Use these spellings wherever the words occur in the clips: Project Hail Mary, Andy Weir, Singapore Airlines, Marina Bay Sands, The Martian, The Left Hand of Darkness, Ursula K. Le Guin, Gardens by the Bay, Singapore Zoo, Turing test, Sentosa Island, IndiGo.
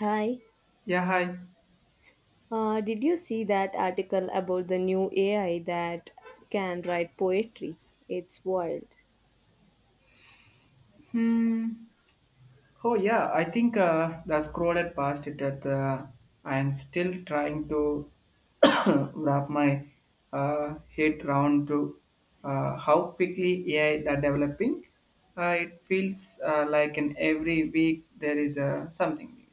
Hi, Yeah, hi. Did you see that article about the new AI that can write poetry? It's wild. Hmm. Oh, yeah. I think the scroll had passed it at the. I'm still trying to wrap my head round to how quickly AI are developing. It feels like in every week there is something new.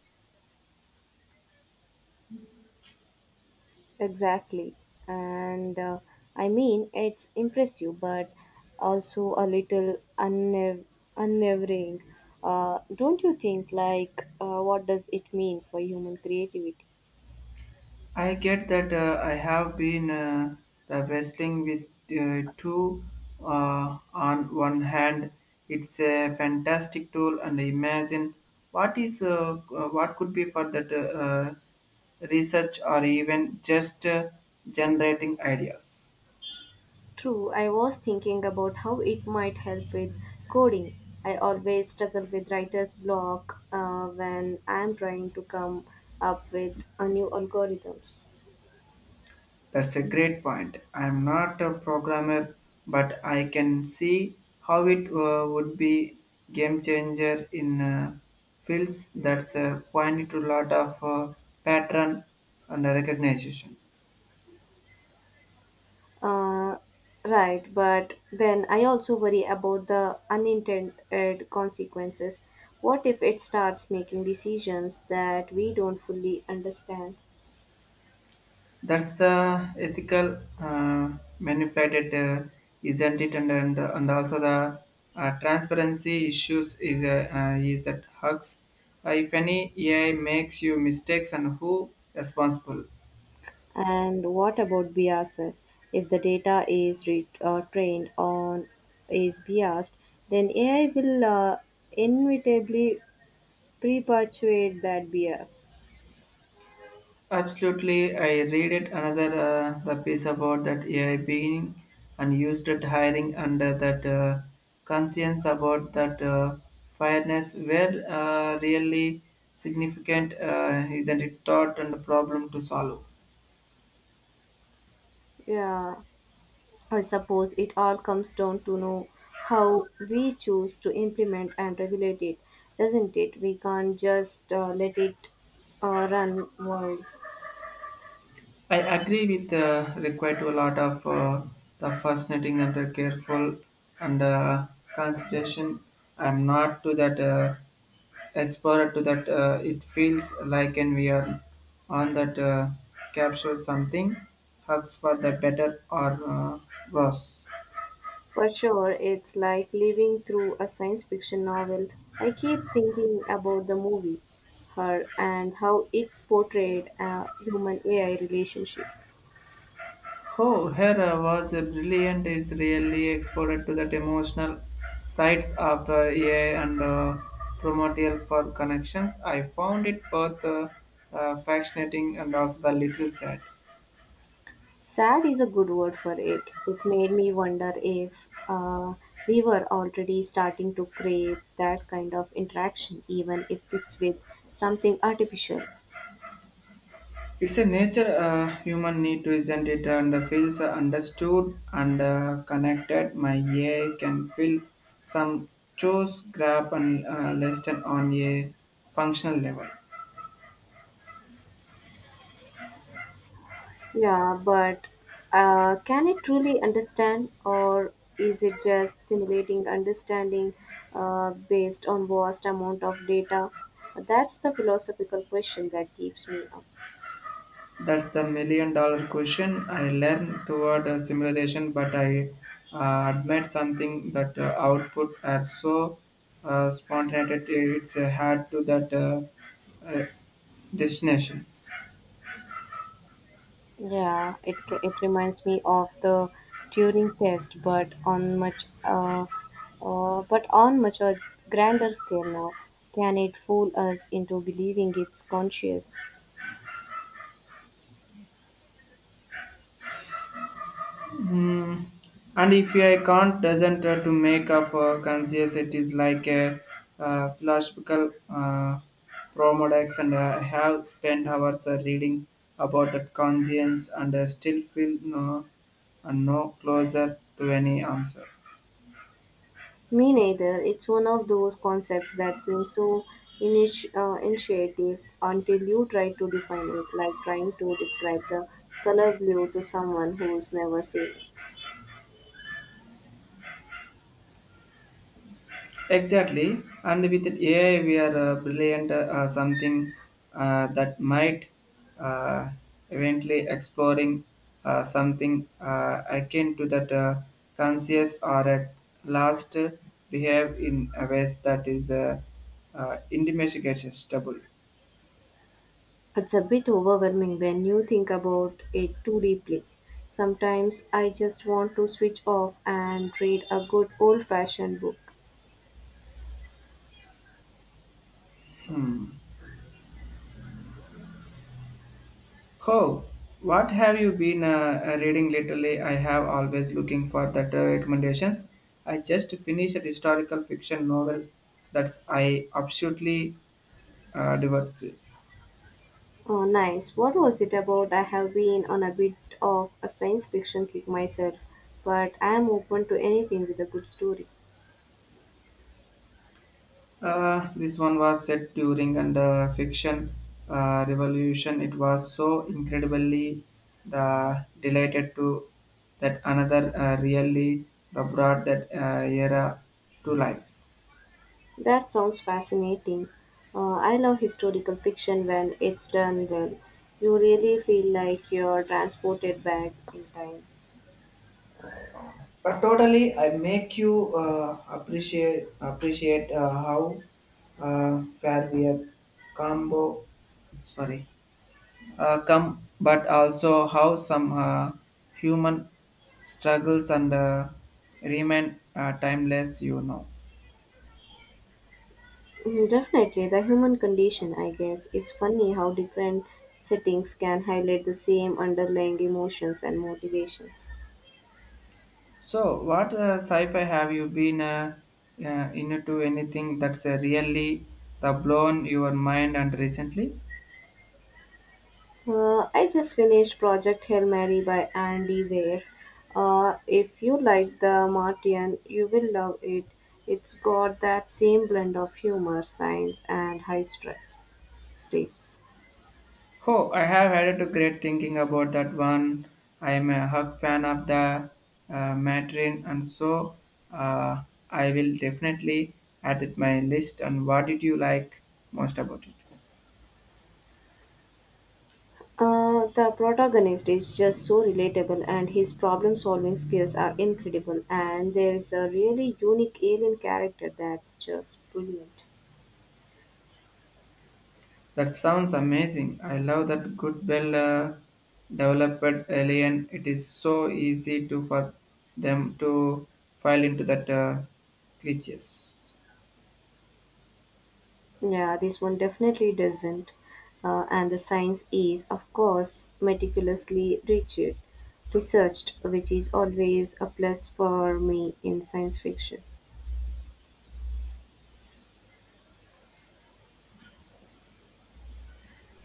Exactly. And I mean, it's impressive, but also a little unnerving. Don't you think, like, what does it mean for human creativity? I get that I have been the wrestling with two on one hand. It's a fantastic tool, and imagine what could be for that research or even just generating ideas. True, I was thinking about how it might help with coding. I always struggle with writer's block when I'm trying to come up with a new algorithms. That's a great point. I'm not a programmer, but I can see how it would be game changer in fields that's point to lot of pattern and recognition. Uh, right, but then I also worry about the unintended consequences. What if it starts making decisions that we don't fully understand? That's the ethical manipulated, isn't it? And also the transparency issues is that hugs. If any AI makes you mistakes and who responsible? And what about biases? If the data is trained on is biased, then AI will inevitably perpetuate that bias. Absolutely, I read it another the piece about that AI being and used at hiring under that conscience about that fairness were really significant, isn't it? Thought and problem to solve. Yeah, I suppose it all comes down to know how we choose to implement and regulate it, doesn't it? We can't just let it run wild. I agree with required to a lot of the fascinating and the careful and consideration. I'm not to that explorer to that. It feels like and we are on that capture something, hugs for the better or worse. For sure, it's like living through a science fiction novel. I keep thinking about the movie, her, and how it portrayed a human AI relationship. Oh, Hera was a brilliant, is really exported to that emotional sides of AI and primordial for connections. I found it both fascinating and also the little sad. Sad is a good word for it. It made me wonder if we were already starting to crave that kind of interaction, even if it's with something artificial. It's a nature human need to isn't it and feels understood and connected. My AI can feel some chose grab and lesson on a functional level. Yeah, but can it truly understand, or is it just simulating understanding based on vast amount of data? That's the philosophical question that keeps me up. That's the million dollar question. I learned toward a simulation, but I admit something that output are so spontaneous it's hard to that uh, destinations. Yeah, it reminds me of the Turing test, but on much a grander scale now. Can it fool us into believing it's conscious? Mm. And if I can't doesn't to make of conscious, it is like a philosophical promodex, and I have spent hours reading about that conscience, and still feel no and no closer to any answer. Me neither. It's one of those concepts that seems so intuitive until you try to define it, like trying to describe the color blue to someone who's never seen it. Exactly, and with AI, we are brilliant something that might uh, eventually exploring something akin to that conscious or at last behave in a ways that is indefatigable. It's a bit overwhelming when you think about it too deeply. Sometimes I just want to switch off and read a good old fashioned book. Oh, what have you been reading lately? I have always looking for that recommendations. I just finished a historical fiction novel that's I absolutely. Divorce. Oh, nice. What was it about? I have been on a bit of a science fiction kick myself, but I am open to anything with a good story. This one was set during and fiction revolution. It was so incredibly the delighted to that another really the brought that era to life. That sounds fascinating. I love historical fiction when it's done well. You really feel like you're transported back in time. But totally, I make you appreciate how far we have combo. Sorry. Come, but also how some human struggles and remain timeless. Mm, definitely, the human condition, I guess. It's funny how different settings can highlight the same underlying emotions and motivations. So, what sci-fi have you been into anything that's really the blown your mind and recently? I just finished Project Hail Mary by Andy Weir. If you like the Martian, you will love it. It's got that same blend of humor, science, and high stress states. Oh, I have had a great thinking about that one. I am a hug fan of the Matrin, and so uh, I will definitely add it my list. And what did you like most about it? The protagonist is just so relatable, and his problem solving skills are incredible. And there is a really unique alien character that's just brilliant. That sounds amazing. I love that good, well developed alien. It is so easy to for them to file into that glitches. Yeah, this one definitely doesn't. And the science is, of course, researched, which is always a plus for me in science fiction.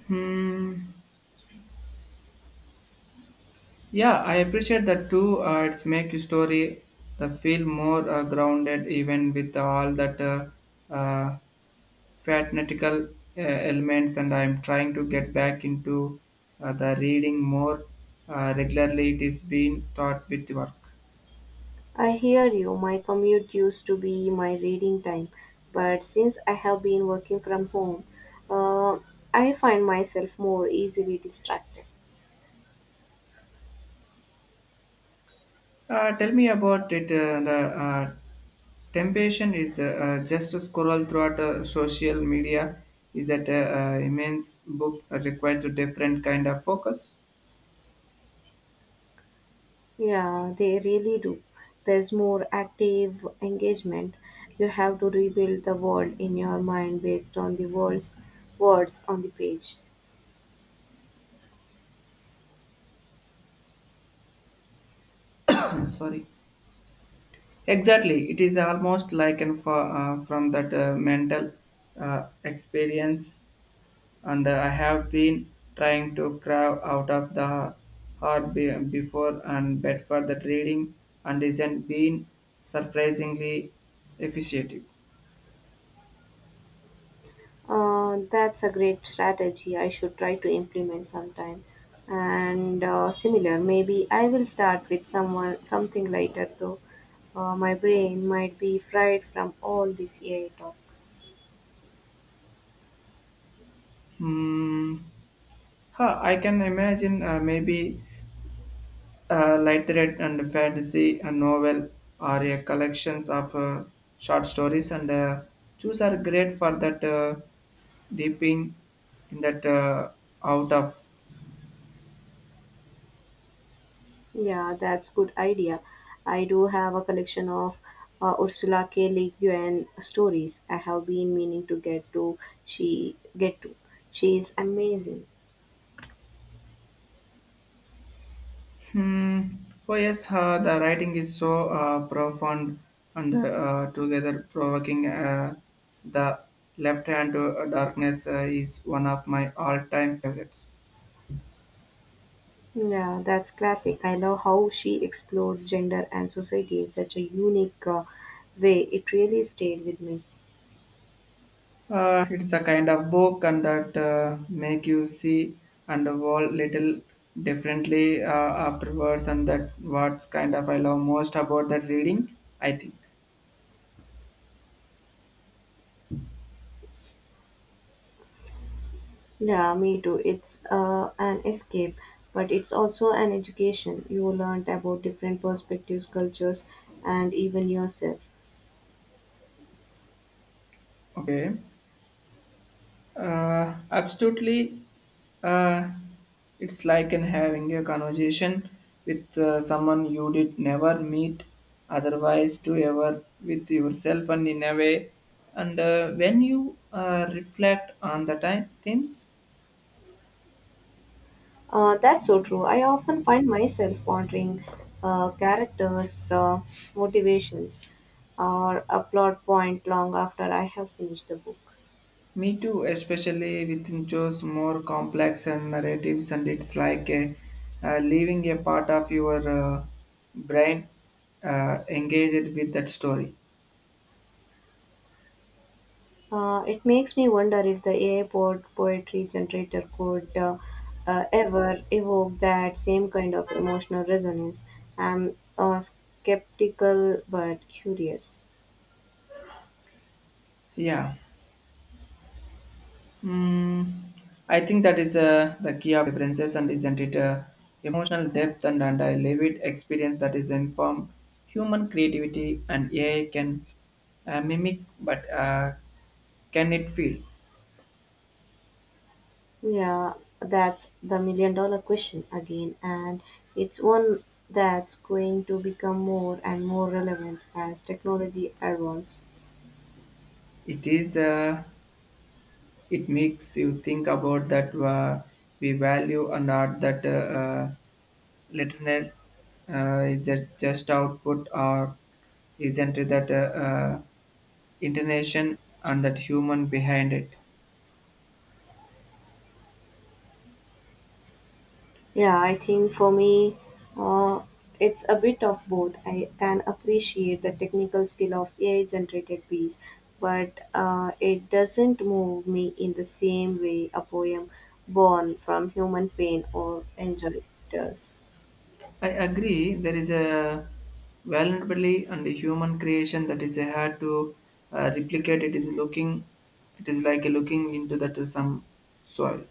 Hmm. Yeah, I appreciate that too. It's make your story the feel more grounded, even with all that uh, fanatical elements. And I'm trying to get back into the reading more regularly. It is being taught with work. I hear you, my commute used to be my reading time, but since I have been working from home, uh, I find myself more easily distracted. Tell me about it. The temptation is just to scroll throughout social media is that immense book requires a different kind of focus. Yeah, they really do. There's more active engagement. You have to rebuild the world in your mind based on the world's words on the page. Sorry. Okay. Exactly. It is almost like an for, from that mental experience, and I have been trying to crowd out of the hard before and bed for that reading, and isn't been surprisingly efficient. That's a great strategy. I should try to implement sometime. And Similar, maybe I will start with someone something lighter though. My brain might be fried from all this AI talk. Hmm. Huh, I can imagine maybe a light thread and fantasy, a novel, or a collections of short stories, and those are great for that dipping in that out of. Yeah, that's good idea. I do have a collection of Ursula K. Le Guin stories. I have been meaning to get to. She get to. She is amazing. Hmm. Oh yes, the writing is so profound and together provoking. The left hand to darkness is one of my all-time favorites. Yeah, that's classic. I love how she explored gender and society in such a unique way. It really stayed with me. It's the kind of book and that make you see and evolve little differently afterwards, and that what's kind of I love most about that reading, I think. Yeah, me too. It's an escape, but it's also an education. You learned about different perspectives, cultures, and even yourself. Okay, absolutely. Uh, it's like in having a conversation with someone you did never meet otherwise to ever with yourself and in a way and when you reflect on the time themes. That's so true. I often find myself wondering characters' motivations or a plot point long after I have finished the book. Me too, especially within shows more complex and narratives, and it's like a, leaving a part of your brain engaged with that story. It makes me wonder if the AI poetry generator could ever evoke that same kind of emotional resonance. I'm skeptical but curious. Yeah. Mm, I think that is the key of differences, and isn't it? Emotional depth and a lived experience that is informed. Human creativity and AI can mimic, but can it feel? Yeah, that's the million dollar question again, and it's one that's going to become more and more relevant as technology advances. It is. It makes you think about that we value or not that literal is that just output or isn't it that intention and that human behind it. Yeah, I think for me, uh, it's a bit of both. I can appreciate the technical skill of AI generated piece, but it doesn't move me in the same way a poem born from human pain or enjoy does. I agree. There is a vulnerability and the human creation that is hard to replicate. It is looking. It is like looking into that some soil.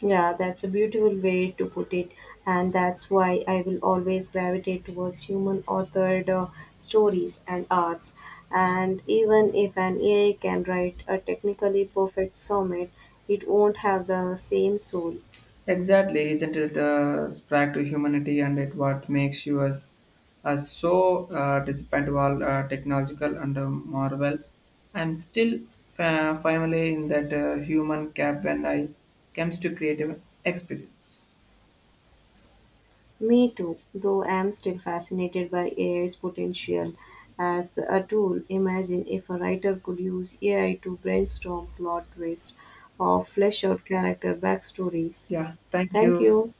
Yeah, that's a beautiful way to put it, and that's why I will always gravitate towards human authored stories and arts. And even if an AI can write a technically perfect sonnet, it won't have the same soul. Exactly, isn't it spark to humanity and it what makes you us, despite all technological and marvel. And still fa- finally in that human cap when I comes to creative experience. Me too, though I am still fascinated by AI's potential as a tool. Imagine if a writer could use AI to brainstorm plot twists or flesh out character backstories. Yeah, thank Thank you. you.